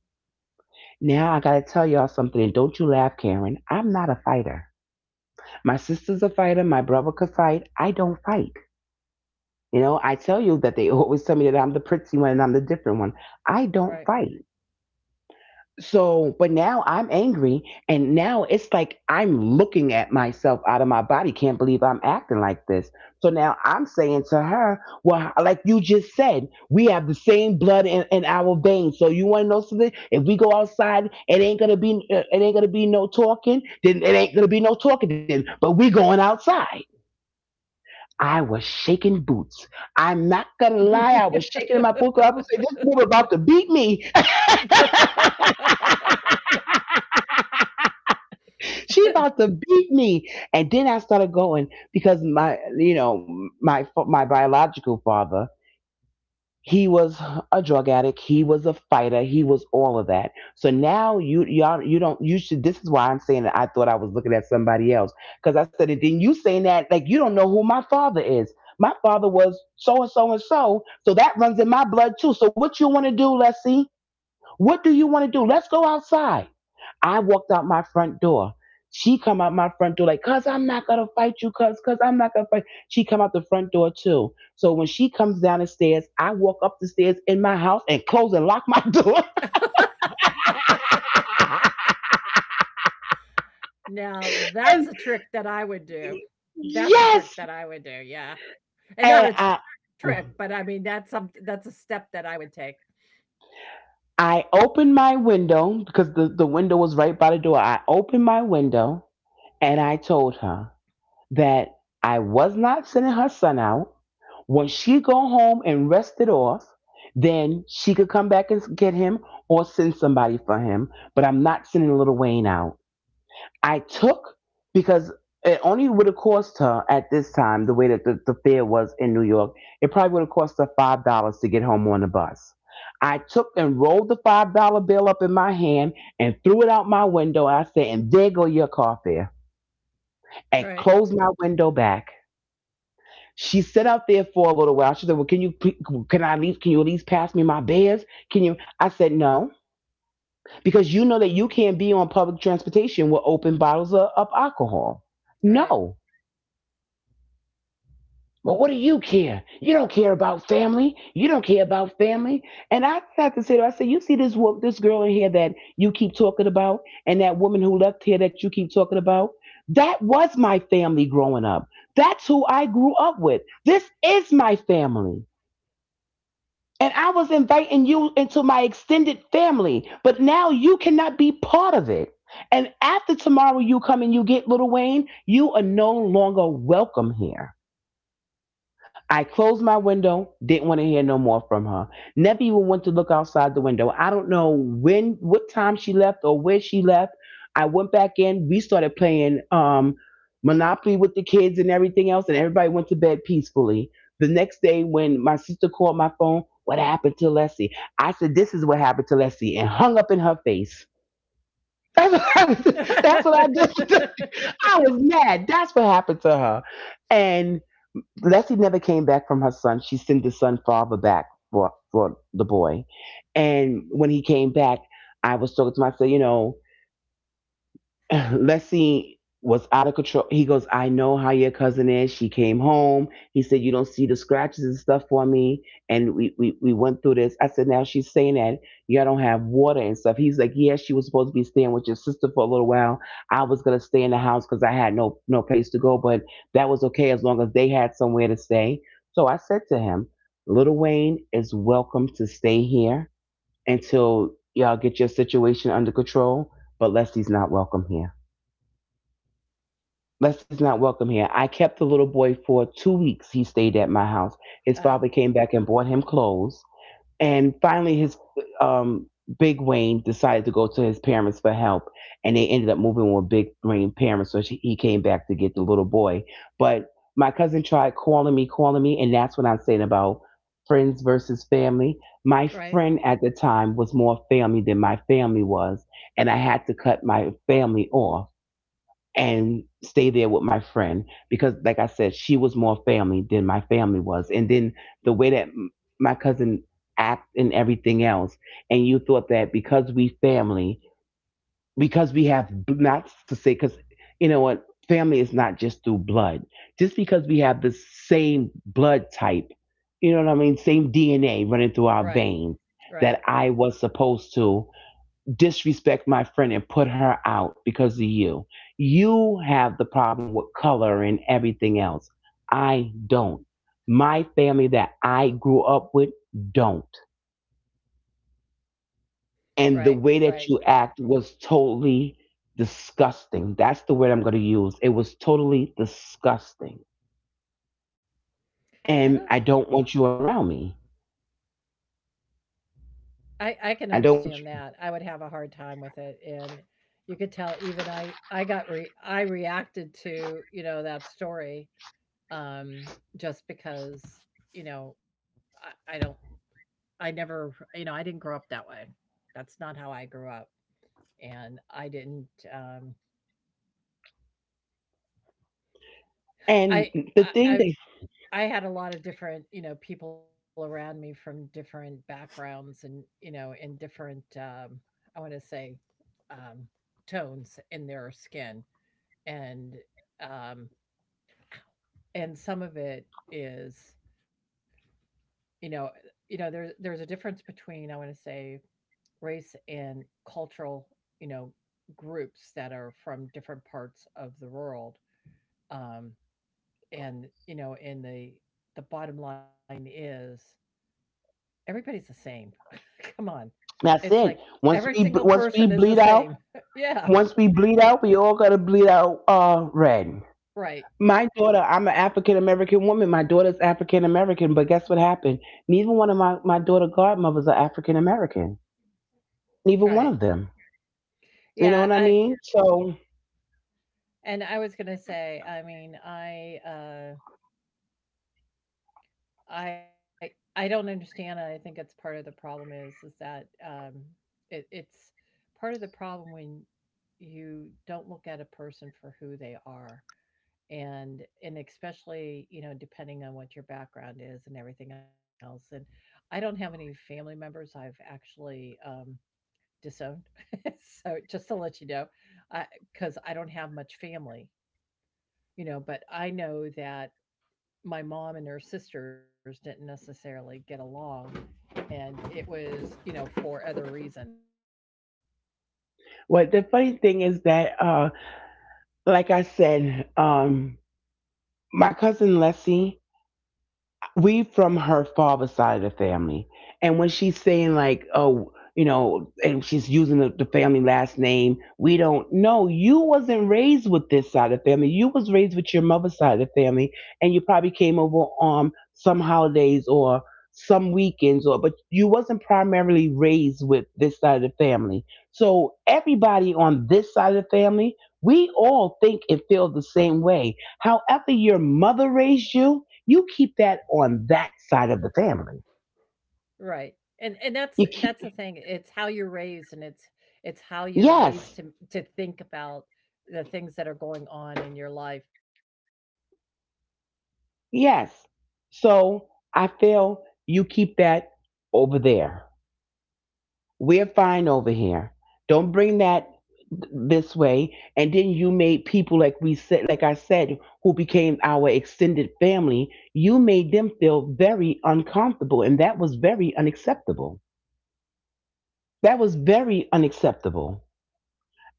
Now I gotta tell y'all something, and don't you laugh, Karen. I'm not a fighter. My sister's a fighter, my brother could fight. I don't fight. You know, I tell you that they always tell me that I'm the pretty one and I'm the different one. I don't
Right.
fight. So, but now I'm angry and now it's like I'm looking at myself out of my body. Can't believe I'm acting like this. So now I'm saying to her, well, like you just said, we have the same blood in our veins. So you want to know something? If we go outside, it ain't going to be, it ain't going to be no talking. Then it ain't going to be no talking then, but we going outside. I was shaking boots. I'm not gonna lie, I was shaking in my boots. 'Cause I was saying, this woman about to beat me. She about to beat me. And then I started going because my, you know, my biological father. He was a drug addict. He was a fighter. He was all of that. So now you y'all you don't you should. This is why I'm saying that I thought I was looking at somebody else because I said it. Then you saying that like you don't know who my father is. My father was so and so and so. So that runs in my blood too. So what you want to do, Leslie? What do you want to do? Let's go outside. I walked out my front door. She come out my front door like, cuz I'm not gonna fight you, cuz I'm not gonna fight. She come out the front door too. So when she comes down the stairs, I walk up the stairs in my house and close and lock my door.
Now that's
And
a trick that I would do. That's a trick
yes,
that I would do, yeah. And not
and
a
I
trick, but I mean that's some that's a step that I would take.
I opened my window because the window was right by the door. I opened my window and I told her that I was not sending her son out. When she go home and rest it off, then she could come back and get him or send somebody for him. But I'm not sending little Wayne out. I took, because it only would have cost her at this time the way that the fare was in New York. It probably would have cost her $5 to get home on the bus. I took and rolled the $5 bill up in my hand and threw it out my window. I said, "And there go your car fare," and
Right,
closed my window back. She sat out there for a little while. She said, "Well, can you, can you at least pass me my beers? Can you?" I said, "No, because you know that you can't be on public transportation with open bottles of alcohol."
right.
No. Well, what do you care? You don't care about family. You don't care about family. And I had to say to her, I said, you see this girl in here that you keep talking about, and that woman who left here that you keep talking about. That was my family growing up. That's who I grew up with. This is my family. And I was inviting you into my extended family, but now you cannot be part of it. And after tomorrow you come and you get little Wayne, you are no longer welcome here. I closed my window, didn't want to hear no more from her. Never even went to look outside the window. I don't know when, what time she left or where she left. I went back in. We started playing Monopoly with the kids and everything else, and everybody went to bed peacefully. The next day, when my sister called my phone, what happened to Leslie? I said, this is what happened to Leslie, and hung up in her face. That's what I, that's what I did. I was mad. That's what happened to her. And Leslie never came back from her son. She sent the son father back for the boy. And when he came back, I was talking to him. I said, you know, Leslie was out of control. He goes, I know how your cousin is. She came home. He said, you don't see the scratches and stuff for me. And we went through this. I said, now she's saying that y'all don't have water and stuff. He's like, yeah, she was supposed to be staying with your sister for a little while. I was going to stay in the house because I had no place to go, but that was okay as long as they had somewhere to stay. So I said to him, little Wayne is welcome to stay here until y'all get your situation under control, but Leslie's not welcome here. Leslie's not welcome here. I kept the little boy for 2 weeks. He stayed at my house. His
Uh
father came back and bought him clothes. And finally, his um, Big Wayne decided to go to his parents for help. And they ended up moving with Big Wayne's parents. So he came back to get the little boy. But my cousin tried calling me. And that's what I'm saying about friends versus family. My
right.
friend at the time was more family than my family was. And I had to cut my family off and stay there with my friend because like I said, she was more family than my family was. And then the way that my cousin acted and everything else, and you thought that because we family, because we have, not to say because, you know what, family is not just through blood, just because we have the same blood type, you know what I mean, same DNA running through our
Right.
veins,
Right.
that I was supposed to disrespect my friend and put her out because of you. You have the problem with color and everything else. I don't. My family that I grew up with don't. And the
Right.
way that
Right.
you act was totally disgusting. That's the word I'm going to use. It was totally disgusting.
I
And
don't,
I don't want you around me.
I can
I don't want
understand
you.
that. I would have a hard time with it, and you could tell even I got re I reacted to, you know, that story um just because, you know, I don't, I never, you know, I didn't grow up that way. That's not how I grew up, and I didn't um
And
I
the thing
I
that,
I had a lot of different, you know, people around me from different backgrounds and, you know, in different, I want to say, um, tones in their skin. And, um, and some of it is, you know, you know, there's a difference between, I want to say, race and cultural, you know, groups that are from different parts of the world. Um, and, you know, and the bottom line is everybody's the same. Come on. It's
that's
like
it.
every
Once we
single
once
person
we
is the
bleed out,
same. Yeah.
once we bleed out, we all gotta bleed out red.
Right.
My daughter, I'm an African American woman. My daughter's African American, but guess what happened? Neither one of my daughter godmothers are African American. Neither one
Right.
of them. You know
Yeah,
what I
I
mean? So
and I was going to say, I don't understand and I think it's part of the problem is that it's part of the problem when you don't look at a person for who they are and especially, you know, depending on what your background is and everything else. And I don't have any family members I've actually disowned, so just to let you know, because I don't have much family, you know. But I know that my mom and her sisters didn't necessarily get along, and it was, you know, for other reasons.
what the funny thing is that like I said, my cousin Leslie, we from her father's side of the family. And when she's saying like, oh, you know, and she's using the family last name, we don't know. You wasn't raised with this side of the family. You was raised with your mother's side of the family, and you probably came over on some holidays or some weekends, or but you wasn't primarily raised with this side of the family. So everybody on this side of the family, we all think and feel the same way. However, your mother raised you, you keep that on that side of the family.
Right. And that's the
You keep,
thing. It's how you're raised and it's how you're raised to
yes,
think about the things that are going on in your life.
yes. So I feel you keep that over there. We're fine over here. Don't bring that this way. And then you made people, like I said, who became our extended family, you made them feel very uncomfortable, and that was very unacceptable. That was very unacceptable.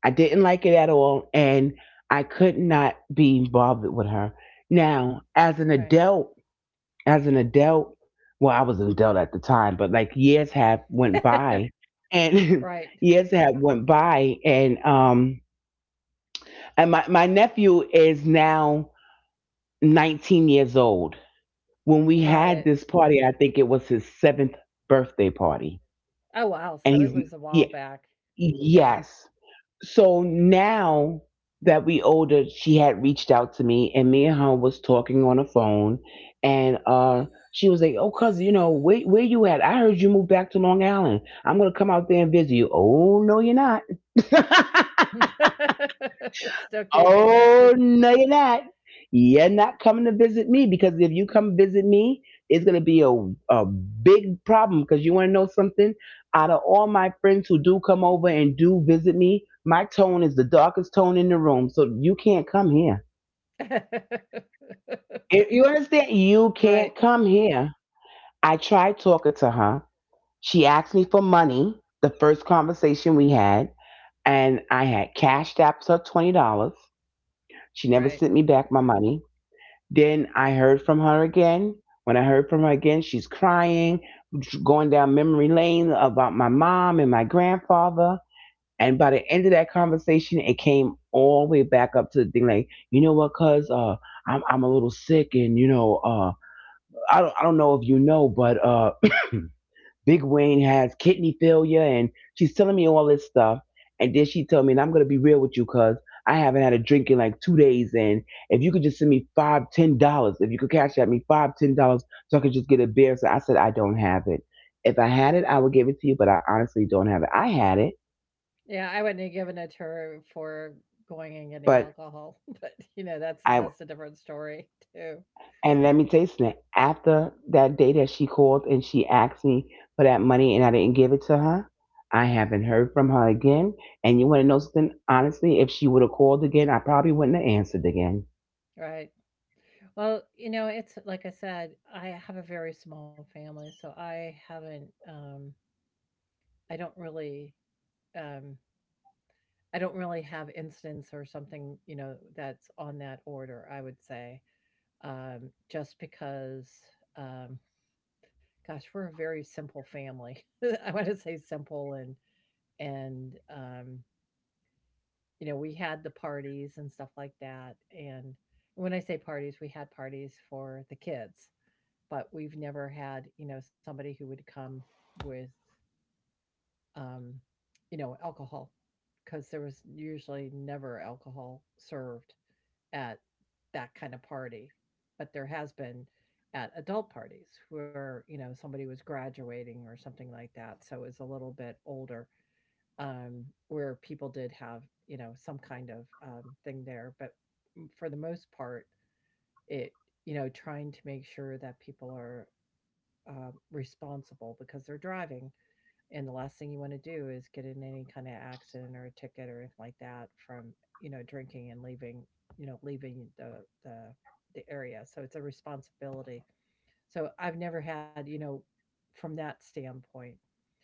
I didn't like it at all, and I could not be involved with her. Now, as an
Right.
adult, as an adult, well, I was an adult at the time, but like years have went by,
Right.
and years have went by, and my nephew is now 19 years old. When we
Got
had
it.
this party, I think it was his seventh birthday party,
Oh wow. So it
and
was a
he's
while
yeah,
back. Yeah.
yes, so now that we older, she had reached out to me and me and her was talking on the phone. And she was like, oh cuz, you know where you at, I heard you moved back to Long Island, I'm gonna come out there and visit you. Oh no, you're not.
Still keeping it.
Oh no, you're not. You're not coming to visit me because if you come visit me, it's gonna be a big problem. Because you want to know something? Out of all my friends who do come over and do visit me, my tone is the darkest tone in the room. So you can't come here. If you understand, you
Right.
can't come here. I tried talking to her. She asked me for money. The first conversation we had, and I had cashed out her $20. She never
Right.
sent me back my money. Then I heard from her again. When I heard from her again, she's crying, going down memory lane about my mom and my grandfather. And by the end of that conversation, it came all the way back up to the thing like, you know what, I'm a little sick and, I don't know if you know, but Big Wayne has kidney failure, and she's telling me all this stuff. And then she told me, and I'm gonna be real with you, cause I haven't had a drink in like 2 days. And if you could just send me five, $10, if you could cash at me five, $10, so I could just get a beer. So I said, I don't have it. If I had it, I would give it to you, but I honestly don't have it. I had it,
Yeah, I wouldn't have given it to her for going and getting
but
alcohol, but you know, that's
I
just a different story too.
And let me tell you something. After that day that she called and she asked me for that money and I didn't give it to her, I haven't heard from her again. And you want to know something? Honestly, if she would have called again, I probably wouldn't have answered again.
Right. Well, you know, it's like I said, I have a very small family, so I haven't, um, I don't really, um, I don't really have instance or something, you know, that's on that order, I would say. Just because, um gosh, we're a very simple family. I want to say simple, and you know, we had the parties and stuff like that. And when I say parties, we had parties for the kids, but we've never had, you know, somebody who would come with, um, you know, alcohol, because there was usually never alcohol served at that kind of party. But there has been at adult parties where, you know, somebody was graduating or something like that, so it was a little bit older, where people did have, you know, some kind of, thing there. But, for the most part, it, you know, trying to make sure that people are, responsible, because they're driving. And the last thing you want to do is get in any kind of accident or a ticket or anything like that from, you know, drinking and leaving, you know, leaving the, the area. So it's a responsibility. So I've never had, you know, from that standpoint.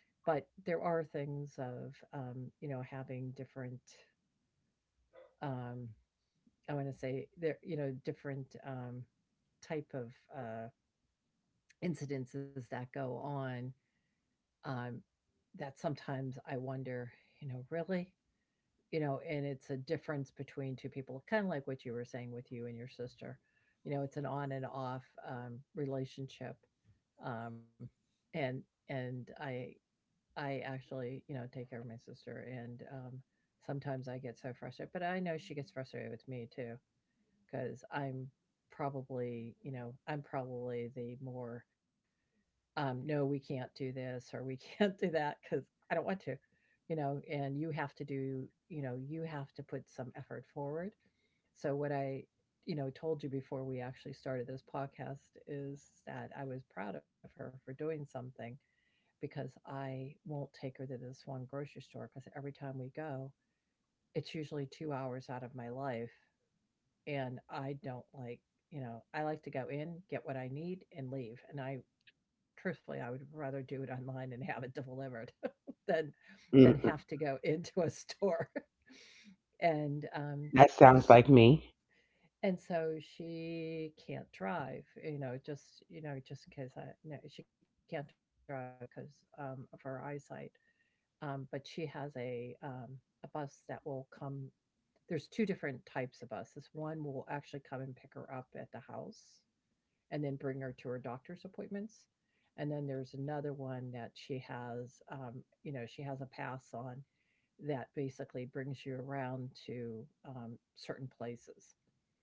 But there are things of, you know, having different, um, I want to say there, you know, different, type of, incidences that go on, um, that sometimes I wonder, you know, really? You know, and it's a difference between two people, kinda like what you were saying with you and your sister. You know, it's an on and off, relationship, um, and and I actually, you know, take care of my sister. And, sometimes I get so frustrated, but I know she gets frustrated with me too, because 'cause I'm probably, you know, I'm probably the more, no, we can't do this or we can't do that because I don't want to, you know. And you have to do, you know, you have to put some effort forward. So, what I, you know, told you before we actually started this podcast is that I was proud of her for doing something, because I won't take her to this one grocery store, because every time we go, it's usually 2 hours out of my life and I don't like, you know, I like to go in, get what I need, and leave. And I, truthfully, I would rather do it online and have it delivered than have to
Mm.
go into a store. And
That
sh-
sounds like me.
and so she can't drive, you know, just in case I, no, she can't drive because, of her eyesight. But she has a, a bus that will come. There's two different types of buses. One will actually come and pick her up at the house, and then bring her to her doctor's appointments. And then there's another one that she has, you know, she has a pass on, that basically brings you around to, certain places.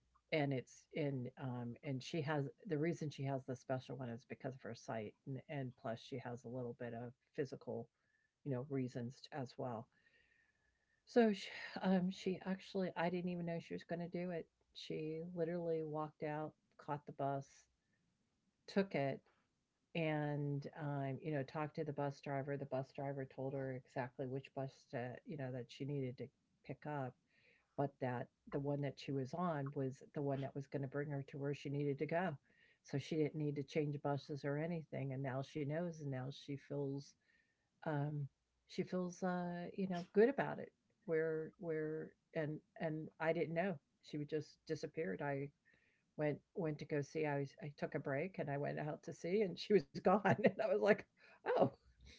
And it's in, and she has the reason she has the special one is because of her sight, and plus she has a little bit of physical, you know, reasons as well. So she, she actually, I didn't even know she was going to do it. She literally walked out, caught the bus, took it, and, you know, talked to the bus driver. The bus driver told her exactly which bus to, you know, that she needed to pick up, but that the one that she was on was the one that was going to bring her to where she needed to go. So she didn't need to change buses or anything, and now she knows and now she feels, um, she feels, you know, good about it. Where where and and I didn't know, she would just disappeared. I went to go see. I took a break and I went out to see, and she was gone. And I was like, oh.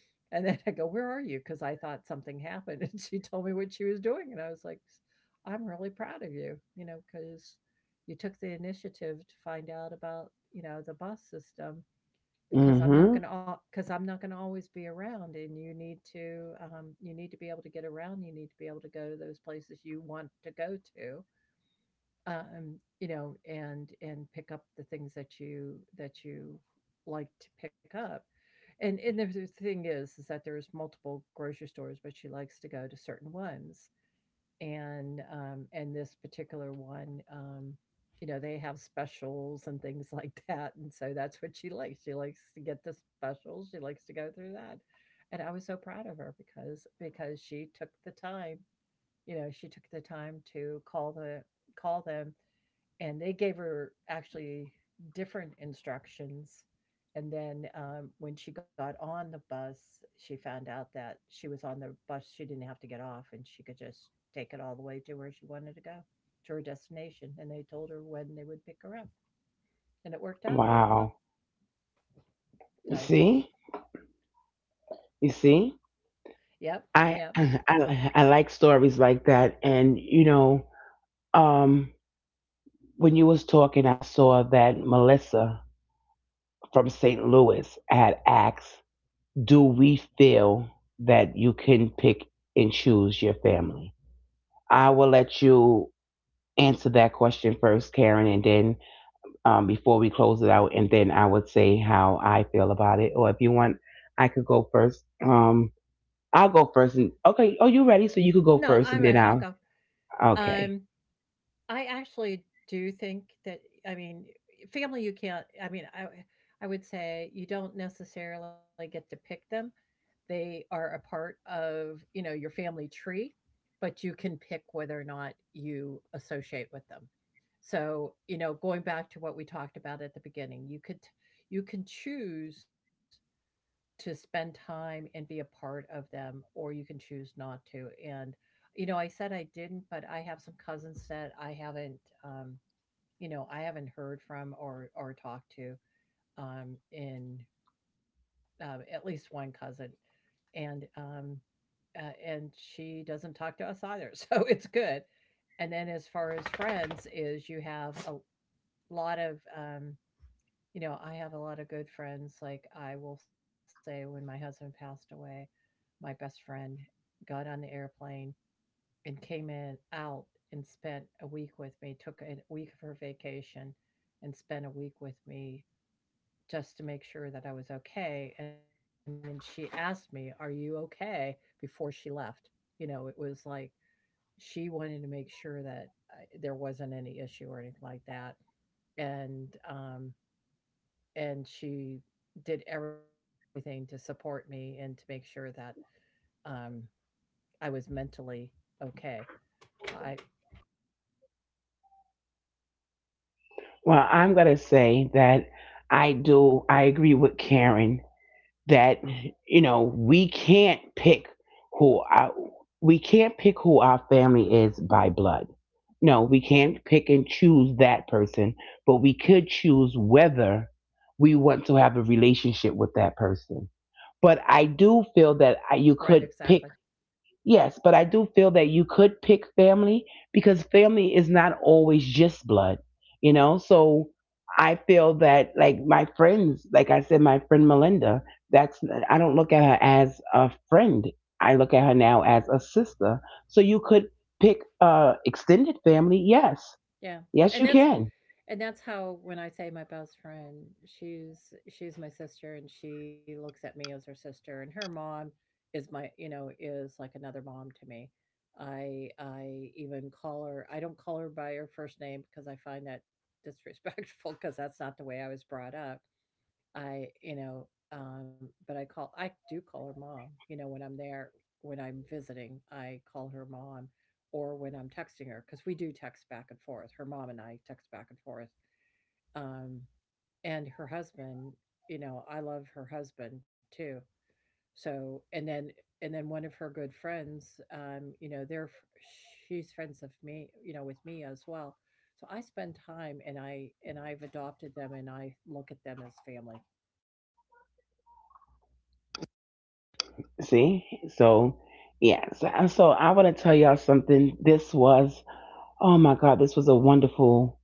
And then I go, where are you? Because I thought something happened, and she told me what she was doing, and I was like, I'm really proud of you, you know, because you took the initiative to find out about, you know, the bus system. because I'm not going
Hmm.
to because I'm not going to always be around, and you need to, you need to be able to get around. You need to be able to go to those places you want to go to, you know, and pick up the things that you like to pick up. And the thing is that there's multiple grocery stores, but she likes to go to certain ones. And um, and this particular one, you know, they have specials and things like that. And so that's what she likes. She likes to get the specials. She likes to go through that. And I was so proud of her, because she took the time, you know, she took the time to call them, and they gave her actually different instructions. And then, when she got on the bus, she found out that she was on the bus. She didn't have to get off and she could just take it all the way to where she wanted to go, to her destination. And they told her when they would pick her up. And it worked out really well.
Wow.
So,
You see? You see?
yep, yep.
I, I like stories like that. And um, when you was talking, I saw that Melissa from St. Louis had asked, "Do we feel that you can pick and choose your family?" I will let you answer that question first, Karen, and then before we close it out, and then I would say how I feel about it. Or if you want, I could go first. I'll go first. And okay, oh, you ready? So you could
No,
go
I'm right.
first,
I'll
and then
go.
I'll.
Um,
Okay.
I actually do think that, I mean, family, you can't, I would say you don't necessarily get to pick them. They are a part of, you know, your family tree, but you can pick whether or not you associate with them. So, you know, going back to what we talked about at the beginning, you can choose to spend time and be a part of them, or you can choose not to. And you know, I said I didn't, but I have some cousins that I haven't, you know, I haven't heard from or talked to, in at least one cousin. And and she doesn't talk to us either. So it's good. And then, as far as friends is, you have a lot of, you know, I have a lot of good friends. Like, I will say when my husband passed away, my best friend got on the airplane and came in out and spent a week with me, took a week of her vacation and spent a week with me just to make sure that I was okay. And then she asked me, are you okay, before she left. You know, it was like, she wanted to make sure that I there wasn't any issue or anything like that. And, and she did everything to support me and to make sure that, um, I was mentally okay. I.
Well, I'm gonna say that I do. I agree with Karen that you know who our, we can't pick who our family is by blood. No, we can't pick and choose that person, but we could choose whether we want to have a relationship with that person. But I do feel that you
Right,
could
exactly.
pick Yes, but I do feel that you could pick family because family is not always just blood, you know? So I feel that, like, my friends, like I said, my friend Melinda, that's, I don't look at her as a friend. I look at her now as a sister. So you could pick extended family. Yes.
Yeah, and
Yes, you
that's
can.
and that's how, when I say my best friend, she's my sister, and she looks at me as her sister. And her mom is my, you know, is like another mom to me. I even call her I don't call her by her first name, because I find that disrespectful because that's not the way I was brought up. I, you know, um, but I do call her mom, you know, when I'm there, when I'm visiting. I call her mom, or when I'm texting her, because we do text back and forth. Her mom and I text back and forth, um, and her husband, you know, I love her husband too. So, and then one of her good friends, you know, she's friends of me, you know, with me as well. So I spend time, and I've adopted them and I look at them as family.
See? So, yes. So I want to tell y'all something. Oh my God, this was a wonderful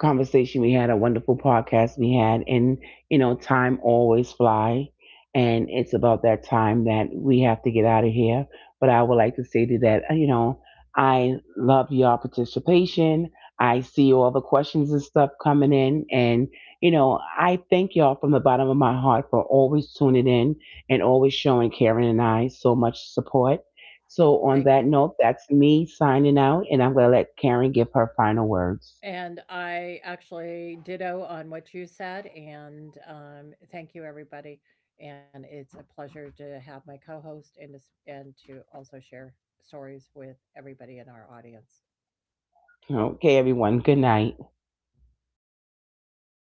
conversation we had, a wonderful podcast we had, and you know, time always fly, and it's about that time that we have to get out of here. But I would like to say to that, you know, I love your participation. I see all the questions and stuff coming in, and you know, I thank y'all from the bottom of my heart for always tuning in and always showing Karen and I so much support. So, on
Thank you.
that note, that's me signing out, and I'm going to let Karen give her final words.
And I actually ditto on what you said, and, thank you, everybody. And it's a pleasure to have my co-host and to, s- and to also share stories with everybody in our audience.
Okay, everyone. Good night.